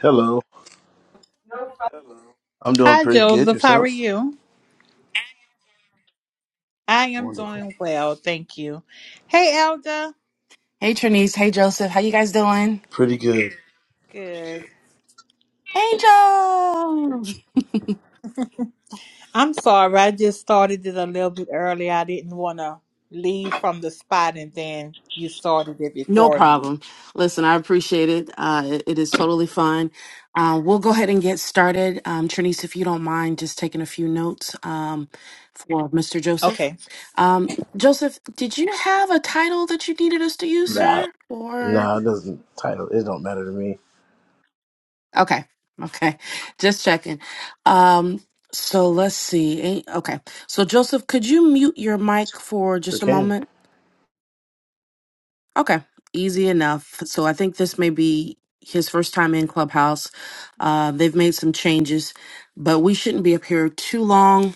Hello. I'm doing pretty good. Yourself? Hey Trinice, hey Joseph, how you guys doing? Pretty good. Angel! No problem. Listen, I appreciate it. Uh, it, it is totally fine. Uh, we'll go ahead and get started. Um, Trinice, if you don't mind, just taking a few notes um, for Mr. Joseph. Um, Joseph, did you have a title that you needed us to use, Nah. sir? Or Nah, it doesn't title it don't matter to me. okay, okay, just checking. Um, so let's see. Eh, Okay, so Joseph, could you mute your mic for Sure just a can. moment? Okay, easy enough. So I think this may be his first time in Clubhouse. Uh, they've made some changes, but we shouldn't be up here too long.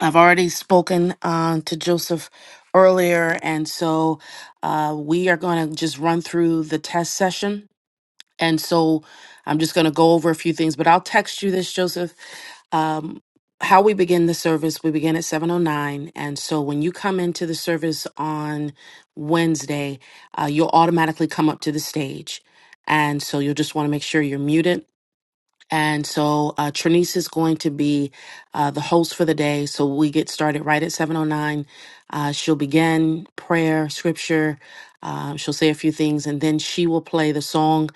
I've already spoken uh, to Joseph earlier, and so uh, we are going to just run through the test session and so I'm just going to go over a few things, but I'll text you this, Joseph. Um, how we begin the service, we begin at 7.09. And so when you come into the service on Wednesday, uh, you'll automatically come up to the stage. And so you'll just want to make sure you're muted. And so uh, Trinice is going to be uh, the host for the day. So we get started right at 7.09. Uh, she'll begin prayer, scripture. Uh, she'll say a few things, and then she will play the song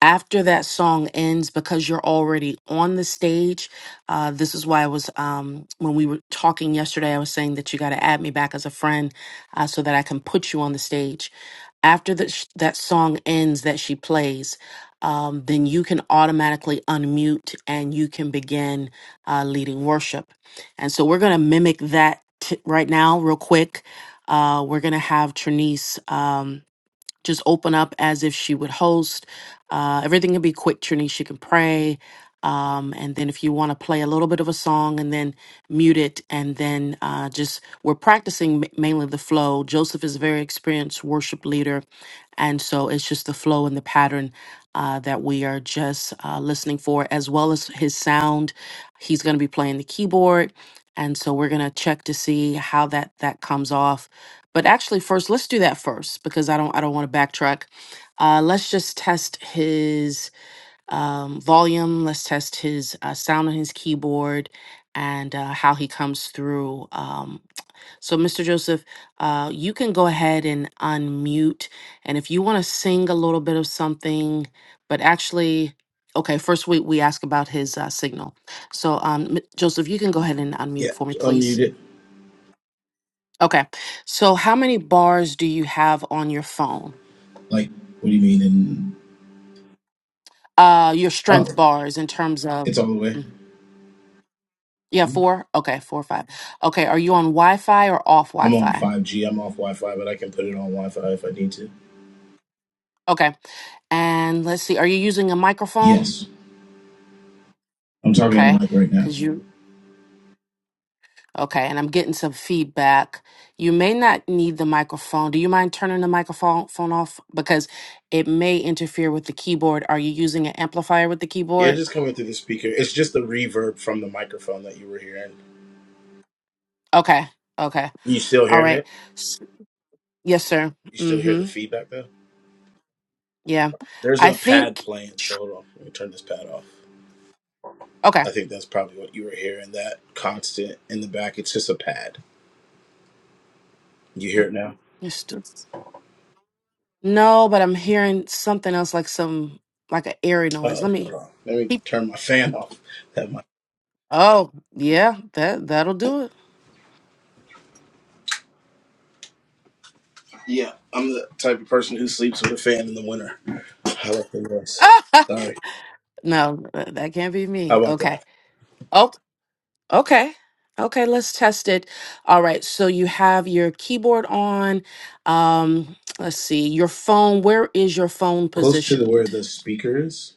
after that song ends because you're already on the stage uh, this is why i was um, when we were talking yesterday i was saying that you got to add me back as a friend uh, so that i can put you on the stage after the sh- that song ends that she plays um, then you can automatically unmute and you can begin uh, leading worship and so we're going to mimic that t- right now real quick uh, we're going to have Trinice. Um, just open up as if she would host. Uh, everything can be quick, Trini. She can pray. Um, and then if you want to play a little bit of a song and then mute it, and then uh, just we're practicing ma- mainly the flow. Joseph is a very experienced worship leader. And so it's just the flow and the pattern uh, that we are just uh, listening for, as well as his sound. He's going to be playing the keyboard. And so we're going to check to see how that, that comes off but actually, first, let's do that first because I don't I don't want to backtrack. Uh, let's just test his um, volume. Let's test his uh, sound on his keyboard and uh, how he comes through. Um, so, Mr. Joseph, uh, you can go ahead and unmute, and if you want to sing a little bit of something, but actually. Okay, first we, we ask about his uh, signal. So, um, M- Joseph, you can go ahead and Yeah, unmute for me, please. unmute it. Okay. So how many bars do you have on your phone? Like, what do you mean? And Uh your oh, strength bars in terms of it's all the way. Mhm. Yeah, four? Okay, four or five. Okay, are you on Wi-Fi or off I'm on Wi-Fi? 5G. I'm off Wi-Fi, but I can put it on Wi-Fi if I need to. Okay. And let's see, are you using a microphone? Yes, I'm talking on the Okay, mic right now. because you okay, and I'm getting some feedback. You may not need the microphone. Do you mind turning the microphone phone off? Because it may interfere with the keyboard. Are you using an amplifier with the Yeah, keyboard? just coming through the speaker. It's just the reverb from the microphone that you were hearing. Okay, okay, You still all hearing right. it? Yes, sir. You still hear the Mm-hmm. feedback though? Yeah. There's I a pad think playing, so hold on. Let me turn this pad off. okay. I think that's probably what you were hearing. That constant in the back. It's just a pad. You hear it now? Yes, do- No, but I'm hearing something else like some like an airy noise. Oh, Let hold me on. Let me keep turn my fan off. That might. Oh, yeah, that that'll do it. Yeah, I'm the type of person who sleeps with a fan in the winter. How about the noise? Sorry. no, that that can't be How me. about Okay. that? Oh, okay. Okay, let's test it. All right. So you have your keyboard on. Um, let's see. Your phone, where is your phone Close to the where positioned? the speaker is.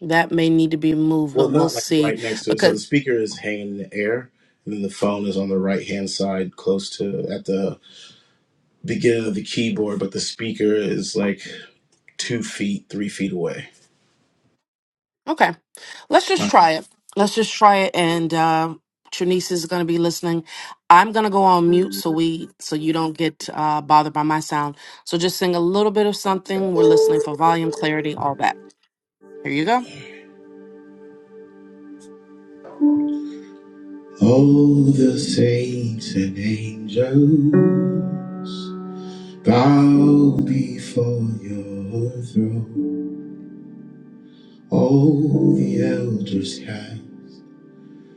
That may need to be moved, but Well, we'll not like see right next to it. So the because speaker is hanging in the air, and then the phone is on the right hand side, close to at the beginning of the keyboard. But the speaker is like two feet, three feet away. Okay. Let's just try it. Let's just try it. And uh, Trinice is going to be listening. I'm going to go on mute so we so you don't get uh, bothered by my sound. So just sing a little bit of something. We're listening for volume, clarity, all that. Here you go. All the saints and angels bow before your throne. All the elders have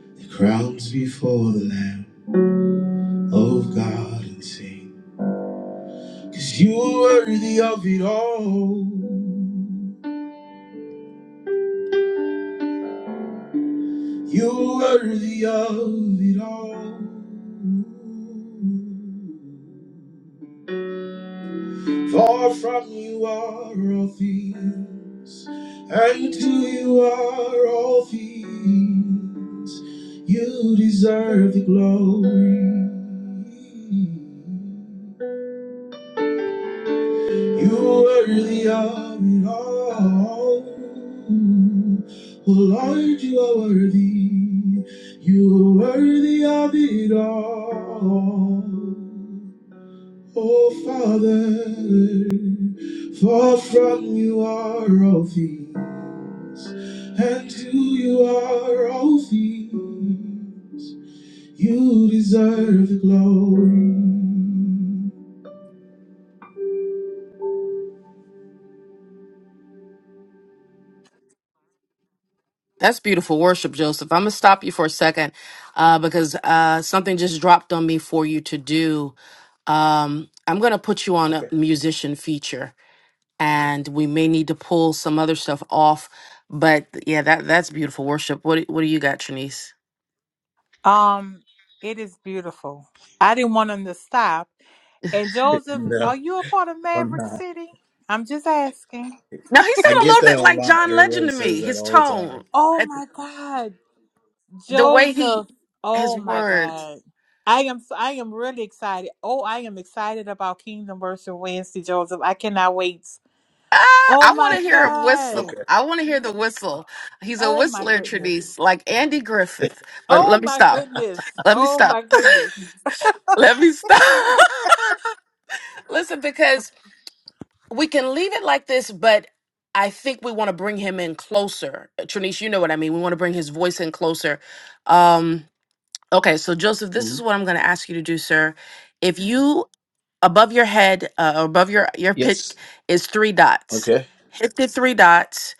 the crowns before the Lamb of God and sing, 'cause you are worthy of it all. You are worthy of it all. Far from you are all things, and to you are all things. You deserve the glory. You are worthy of it all. Oh, Worthy, you are worthy of it all. Oh, Father, for from you are all things, and to you are all things. You deserve the glory. That's beautiful worship, Joseph. I'm going to stop you for a second uh, because uh, something just dropped on me for you to do. Um, I'm going to put you on a Okay. musician feature. and we may need to pull some other stuff off. But yeah, that that's beautiful worship. What do- what do you got, Trinice? No, I'm not. Now he I sounded a get little bit that a like lot. John Legend Everybody to me. says that His all the tone, time. at- the way he, his words. Ah, I want to hear a whistle. Okay. I want to hear the whistle. He's a whistler, Trinice, like Andy Griffith. But let me stop. Let me stop. let me stop. Listen, because we can leave it like this, but I think we want to bring him in closer. Uh, Trinice, you know what I mean. We want to bring his voice in closer. Um, okay, so Joseph, this is Mhm. what I'm going to ask you to do, sir. If you above your head, uh, or above your your pick Yes. is three dots. Okay. Hit the three dots.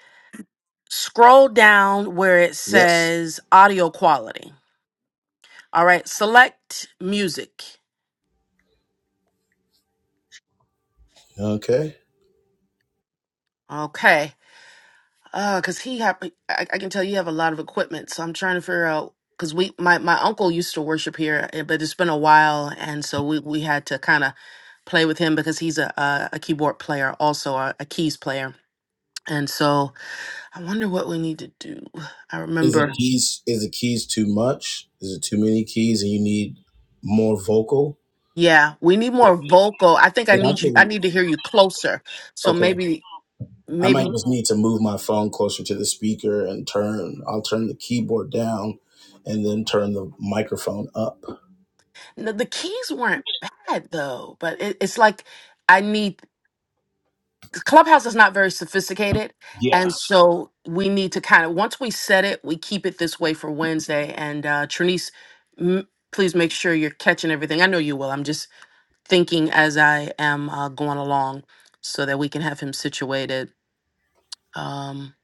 Scroll down where it Yes. says audio quality. All right, select music. Okay. Okay Ah, cause he have, I, I can tell you have a lot of equipment. So I'm trying to figure out, cause we, my, my uncle used to worship here, eh, but it's been a while. And so we, we had to kind of play with him because he's a, a, a keyboard player, also a, a keys player. And so I wonder what we need to do. I Is the remember. keys is the keys too much? Is it too many keys and you need more vocal? Yeah. We need more vocal. I think I Then I need you, I could need to hear you closer. So okay. maybe, I might maybe just need to move my phone closer to the speaker and turn I'll turn the keyboard down and then turn the microphone up. no, the keys weren't bad though, but it, it's like, I need Clubhouse is not very sophisticated. And Yeah. so we need to kind of, once we set it, we keep it this way for Wednesday. And uh, Trinice, m- please make sure you're catching everything. I know you will. I'm just thinking as I am uh, going along so that we can have him situated. Um,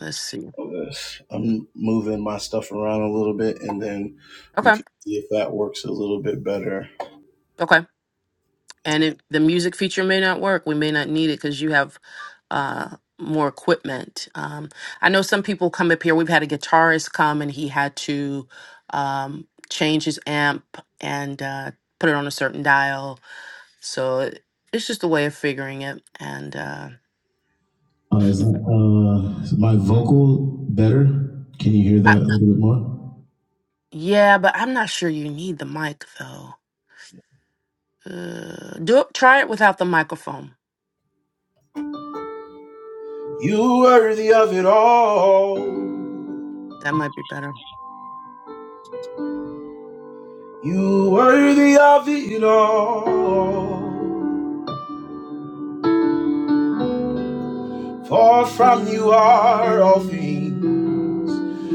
let's see. Okay. I'm moving my stuff around a little bit and then we Okay. can see if that works a little bit better. Okay. And it, the music feature may not work. We may not need it because you have uh, more equipment. Um, I know some people come up here. We've had a guitarist come and he had to um, change his amp and uh, put it on a certain dial. So it- it's just a way of figuring it. And uh, Uh, is, Mhm. uh, is my vocal better? Can you hear that I, a little bit more? yeah, but I'm not sure you need the mic though. Uh, do it, try it without the microphone. You worthy of it all. That might be better. You worthy of it all. For from you are all things,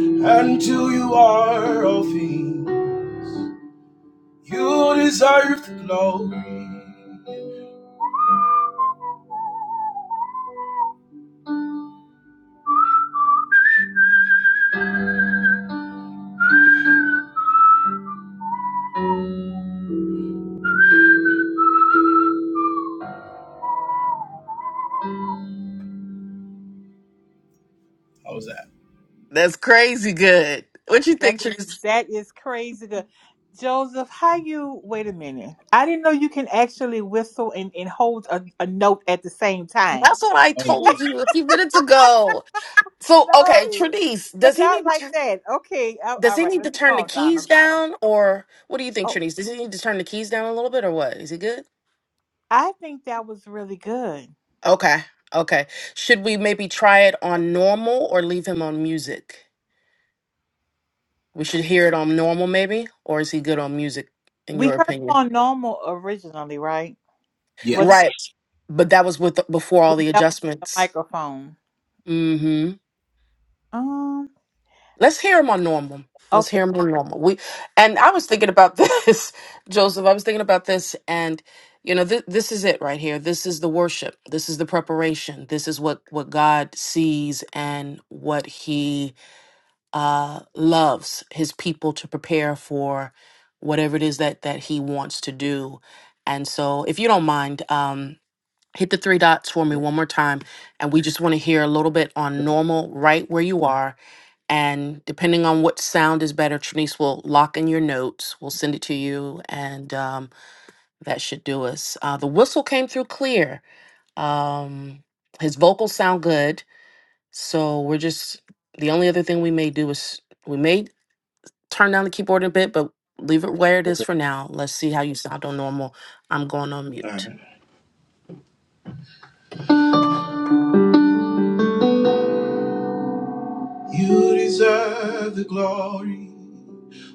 and to you are all things. You deserve the glory. How was that? That's crazy good. What you think, Therese? That's what I Oh yeah. told you a few minutes ago. So okay, Trinice, does he need? Does he need to turn the keys down, or what do you think, Trinise? Does he need to turn the keys down a little bit, or what? Is he good? Okay, okay. Should we maybe try it on normal, or leave him on music? We should hear it on normal, maybe, or is he good on music? In your opinion, Yes. right? But that was with before all the adjustments. hmm Let's hear him on normal. Let's hear him on normal. We and I was thinking about this, Joseph. I was thinking about this, and you know, th- this is it right here. This is the worship. This is the preparation. This is what what God sees and what He uh, loves His people to prepare for whatever it is that that He wants to do. And so, if you don't mind, um, hit the three dots for me Yeah, one more time, and we just want to hear a little bit on normal, right where you are and depending on what sound is better, Trinice will lock in your notes. We'll send it to you, and um, that should do us. Uh, the whistle came through clear. Um, his vocals sound good. So we're just, the only other thing we may do is we may turn down the keyboard a bit, but leave it where it is Okay. for now. Let's see how you sound on normal. I'm going on All right. mute. You deserve the glory.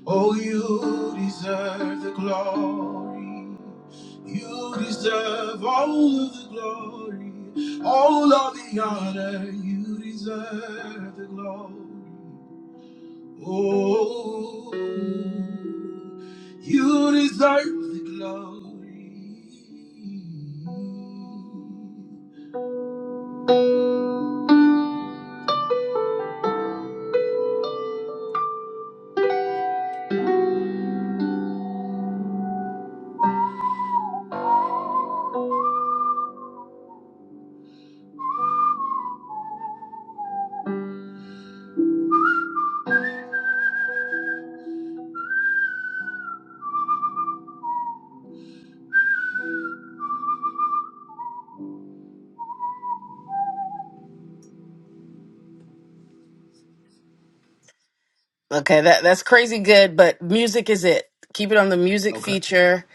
Oh, you deserve the glory. You deserve all of the glory, all of the honor. You deserve the glory. Oh, you deserve the glory. Okay, that, that's crazy good, but music is it. Keep it on the music Okay. feature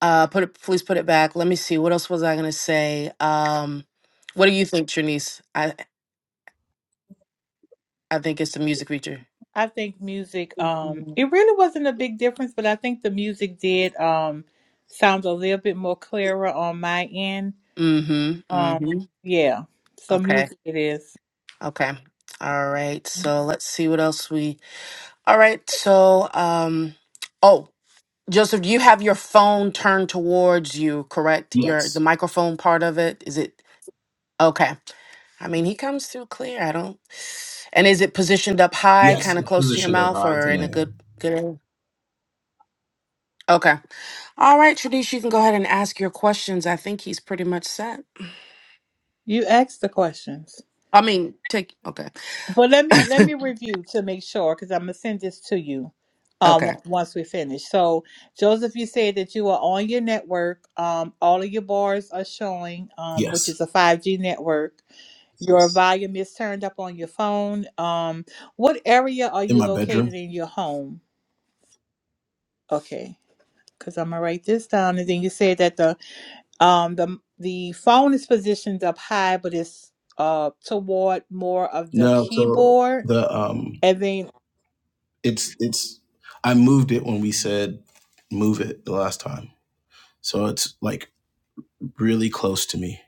Uh, put it, please put it back. Let me see. What else was I gonna say? Um, what do you think, Trinice? I I think it's the music feature. Mm-hmm. Mm-hmm. Okay. Okay. All right. So let's see what else we. All right. So um. Oh, Joseph, you have your phone turned towards you, correct? Your the Yes. microphone part of it. Is it okay? I mean, he comes through clear. I don't. And is it positioned up high, Yes. kind It's of close to your positioned up mouth, high. It's or in in the a air. good good area? Okay. All right, Trinice, you can go ahead and ask your questions. I think he's pretty much set. I mean, take okay, okay. Yes. in my bedroom. No, so the um, it's it's I moved it when we said move it the last time. So it's like really close to me.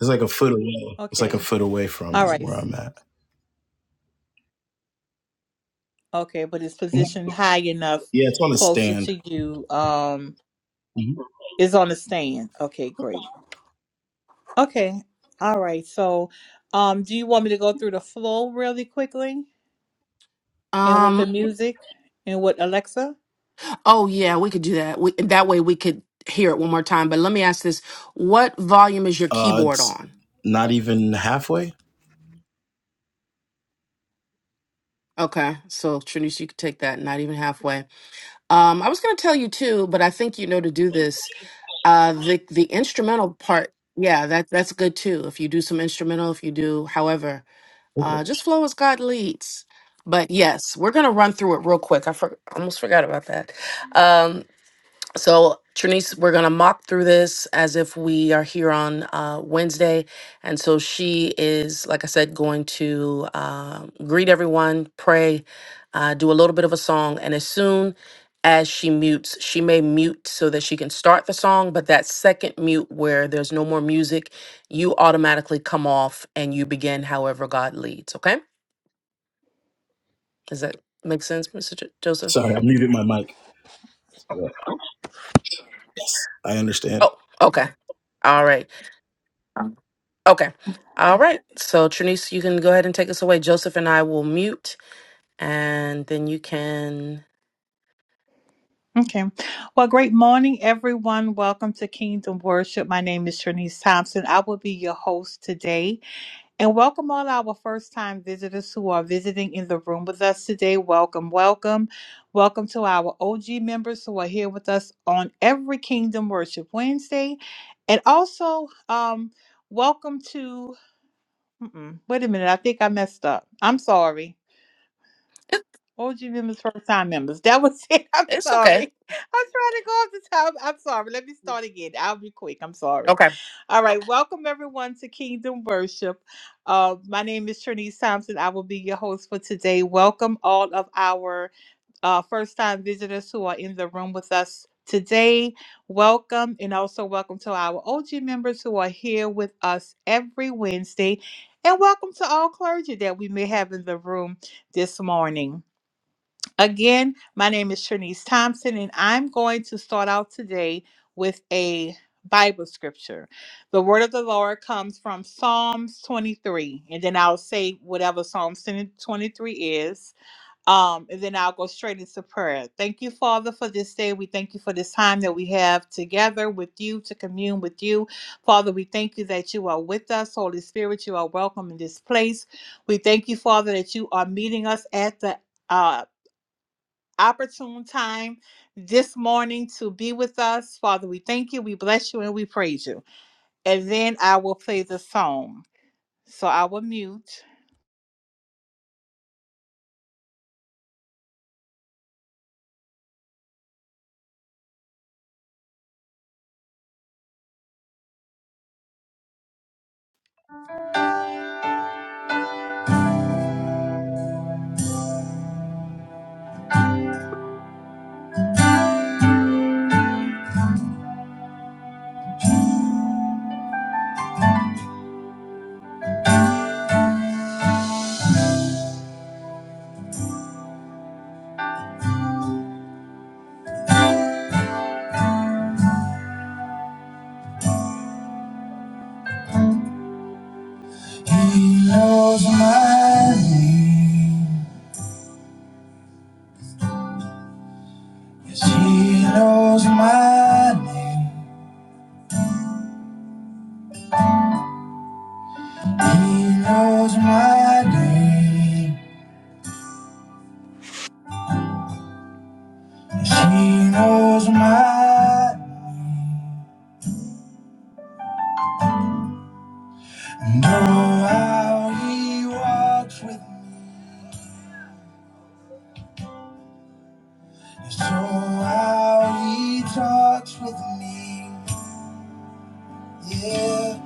It's like a foot away. It's like a foot away from where I'm at. Mhm. Yeah, it's on a stand. Mhm. Um. Oh yeah, we could do that. We, that way we could hear it one more time. But let me ask this: What volume is your Uh, keyboard it's on? not even halfway. Okay, so Trinice, you could take that. Not even halfway. Um, I was going to tell you too, but I think you know to do this. Uh, the the instrumental part. Yeah, that that's good too. If you do some instrumental, if you do, however, Okay. Uh, just flow as God leads. But yes, we're going to run through it real quick. I for- almost forgot about that. Um, so, Trinice, we're going to mock through this as if we are here on uh, Wednesday. And so she is, like I said, going to uh, greet everyone, pray, uh, do a little bit of a song. And as soon as she mutes, she may mute so that she can start the song. But that second mute where there's no more music, you automatically come off and you begin however God leads. Okay? Does that make sense, Mr. Jo- Joseph? Sorry, I muted my mic. Sorry. I understand. Oh, okay. All right. Okay. All right. So, Trinice, you can go ahead and take us away. Joseph and I will mute, and then you can. It, it's okay. Okay. He knows my name. Yes, he knows my name. He knows my name. Yes, he knows my and oh how he walks with me. Yes, oh how he talks with me. Yeah.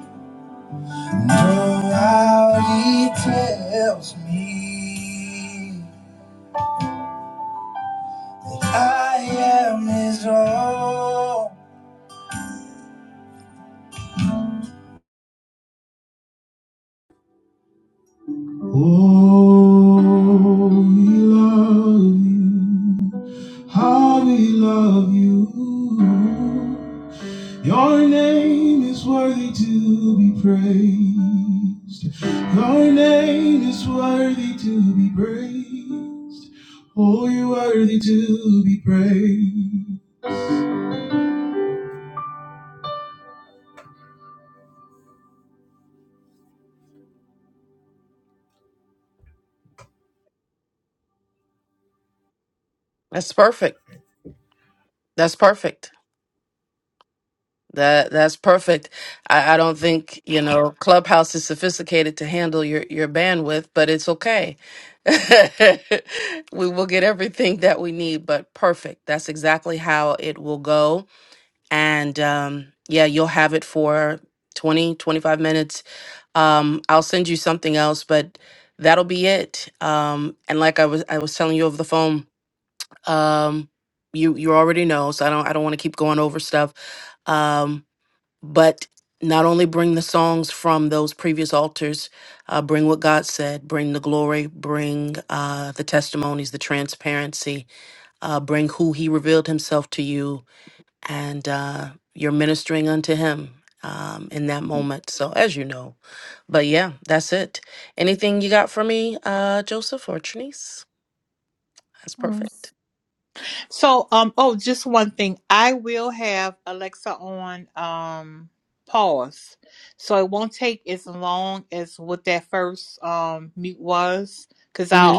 And oh how he tells me I am his own. Oh, we love you. How we love you. Your name is worthy to be praised. Your name is worthy to be praised. Oh, you're worthy to be praised. That's perfect. That's perfect. That that's perfect. I, I don't think you know Clubhouse is sophisticated to handle your your bandwidth, but it's okay. we will get everything that we need, but perfect. That's exactly how it will go. And um, yeah, you'll have it for 20 25 minutes Um, I'll send you something else, but that'll be it. Um, and like I was I was telling you over the phone, um, you you already know, so I don't I don't want to keep going over stuff. Um, but not only bring the songs from those previous altars, uh, bring what God said, bring the glory, bring uh, the testimonies, the transparency, uh, bring who He revealed Himself to you, and uh, you're ministering unto him um, in that moment. So, as you know, but yeah, that's it. Anything you got for me, uh, Joseph or Trinice? That's perfect. Mm-hmm.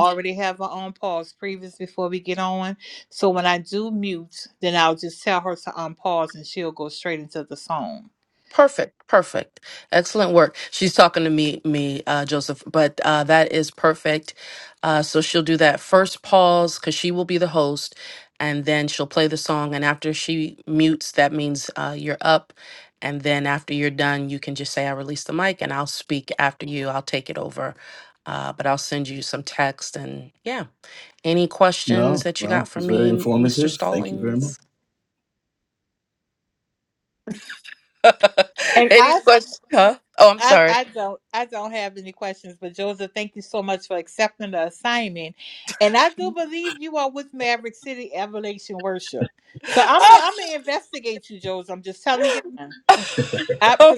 Perfect, perfect, excellent work. She's talking to me, me, uh, Joseph, but uh, that is perfect. Uh, so she'll do that first pause because she will be the host, and then she'll play the song. And after she mutes, that means uh, you're up. And then after you're done, you can just say, "I release the mic," and I'll speak after you. I'll take it over, uh, but I'll send you some text. And yeah, any questions No, that you no, got it for was very me, Mr. informative. Thank you very much. Stallings? any questions? Huh? Oh, I'm sorry. Oh,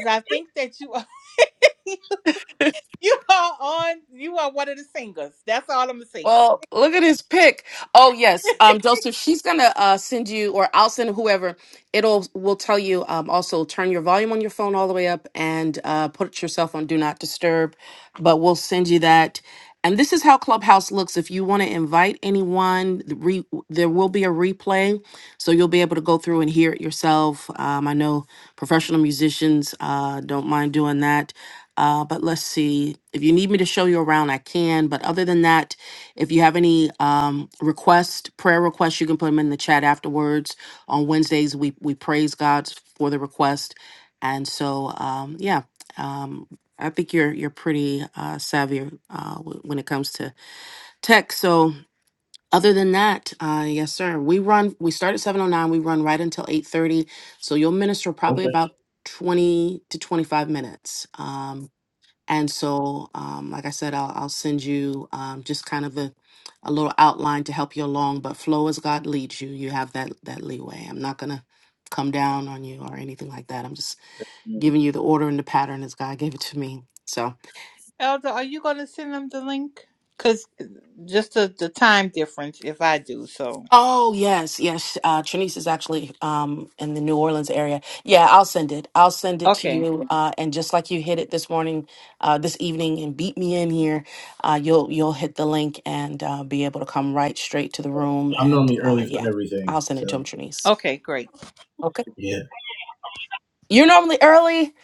Well, look at his pick. Oh yes, um, Joseph, she's gonna uh, send you, or I'll send whoever. It'll will tell you. Um, also, turn your volume on your phone all the way up and uh, put yourself on do not disturb. But we'll send you that. And this is how Clubhouse looks. If you want to invite anyone, the re- there will be a replay, so you'll be able to go through and hear it yourself. Um, I know professional musicians uh, don't mind doing that. Uh, but let's see. If you need me to show you around, I can. But other than that, if you have any um, requests, prayer requests, you can put them in the chat afterwards. On Wednesdays, we we praise God for the request, and so um, yeah, um, I think you're you're pretty uh, savvy uh, w- when it comes to tech. So other than that, uh, yes, sir, we run. We start at seven oh nine. We run right until eight thirty. So you'll minister probably Okay. about twenty to twenty five minutes. um, and so, um, like I said, I'll, I'll send you um, just kind of a, a little outline to help you along. But flow as God leads you. You have that that leeway. I'm not gonna come down on you or anything like that. I'm just giving you the order and the pattern as God gave it to me. So. Oh yes, yes. Uh, Trinice is actually um, in the New Orleans area. Yeah, I'll send it. I'll send it to you. Uh, and just like you hit it this morning, uh, this evening, and beat me in here, uh, you'll you'll hit the link and uh, be able to come right straight to the room. I'm And normally uh, early yeah, for I'll everything, send it to so him, Trinice. Okay. yeah. You're normally early.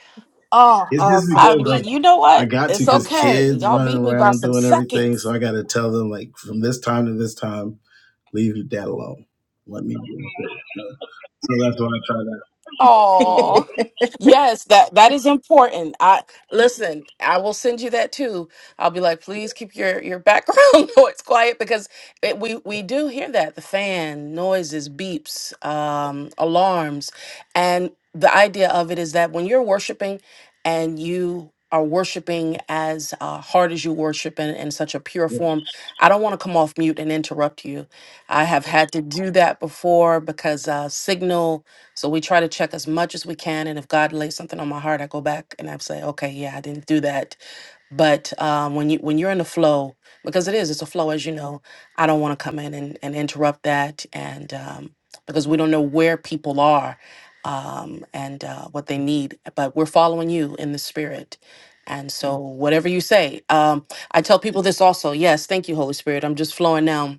Oh, It's just I because mean, like you know I what? got to It's because okay. kids Y'all running beat me by around some doing everything, so seconds. I got to tell them like from this time to this time, leave your dad alone. Let me. do it. So that's why I try that. Yeah. Yes, that that is important. I listen, I will send you that too. I'll be like, please keep your your background noise quiet because it, we we do hear that the fan noises, beeps, um, alarms, and the idea of it is that when you're worshiping and you are worshiping as uh, hard as you worship in, in such a pure form. I don't want to come off mute and interrupt you. I have had to do that before because uh, Signal so we try to check as much as we can. And if God lays something on my heart, I go back and I say, okay, yeah, I didn't do that. But um, when you when you're in the flow, because it is, it's a flow, as you know. I don't want to come in and, and interrupt that, and um, because we don't know where people are um, and uh, what they need. But we're following you in the spirit, and so whatever you say, um, I tell people this also. Yes, thank you, Holy Spirit. I'm just flowing now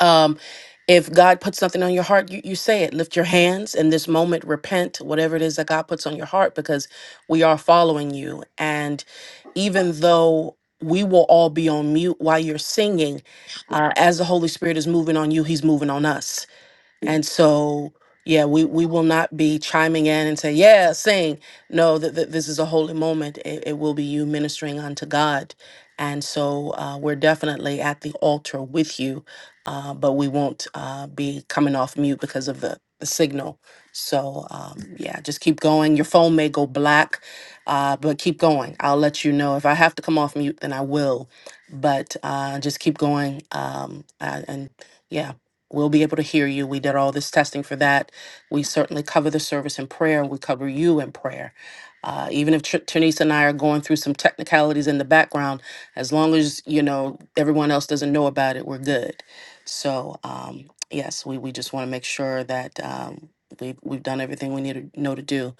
um, if God puts something on your heart, you, you say it. Lift your hands in this moment, repent, whatever it is that God puts on your heart, because we are following you. And even though we will all be on mute while you're singing, uh, as the Holy Spirit is moving on you, He's moving on us. And so, yeah, we, we will not be chiming in and say, yeah, sing. No, that this is a holy moment. It, it will be you ministering unto God. And so uh, we're definitely at the altar with you, uh, but we won't uh, be coming off mute because of the, the signal. So, um, yeah, just keep going. Your phone may go black, uh, but keep going. I'll let you know. If I have to come off mute, then I will. But uh, just keep going um, uh, and yeah, We'll be able to hear you. We did all this testing for that. We certainly cover the service in prayer. We cover you in prayer. Uh, even if Tr- Ternice and I are going through some technicalities in the background, as long as you know everyone else doesn't know about it, we're good. So um, yes, we, we just want to make sure that um, we've we've done everything we need to know to do.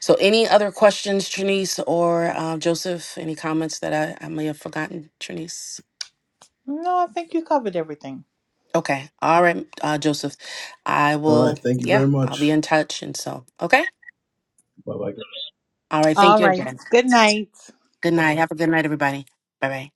So any other questions, Trinice or uh, Joseph? Any comments that I, I may have forgotten, Trinice? Okay. All right, uh, Joseph. I All right. will, Thank you yeah, very I'll be much. in touch. And so, okay. Bye bye. All right. Thank you again. Good night. Have a good night, everybody. Bye bye.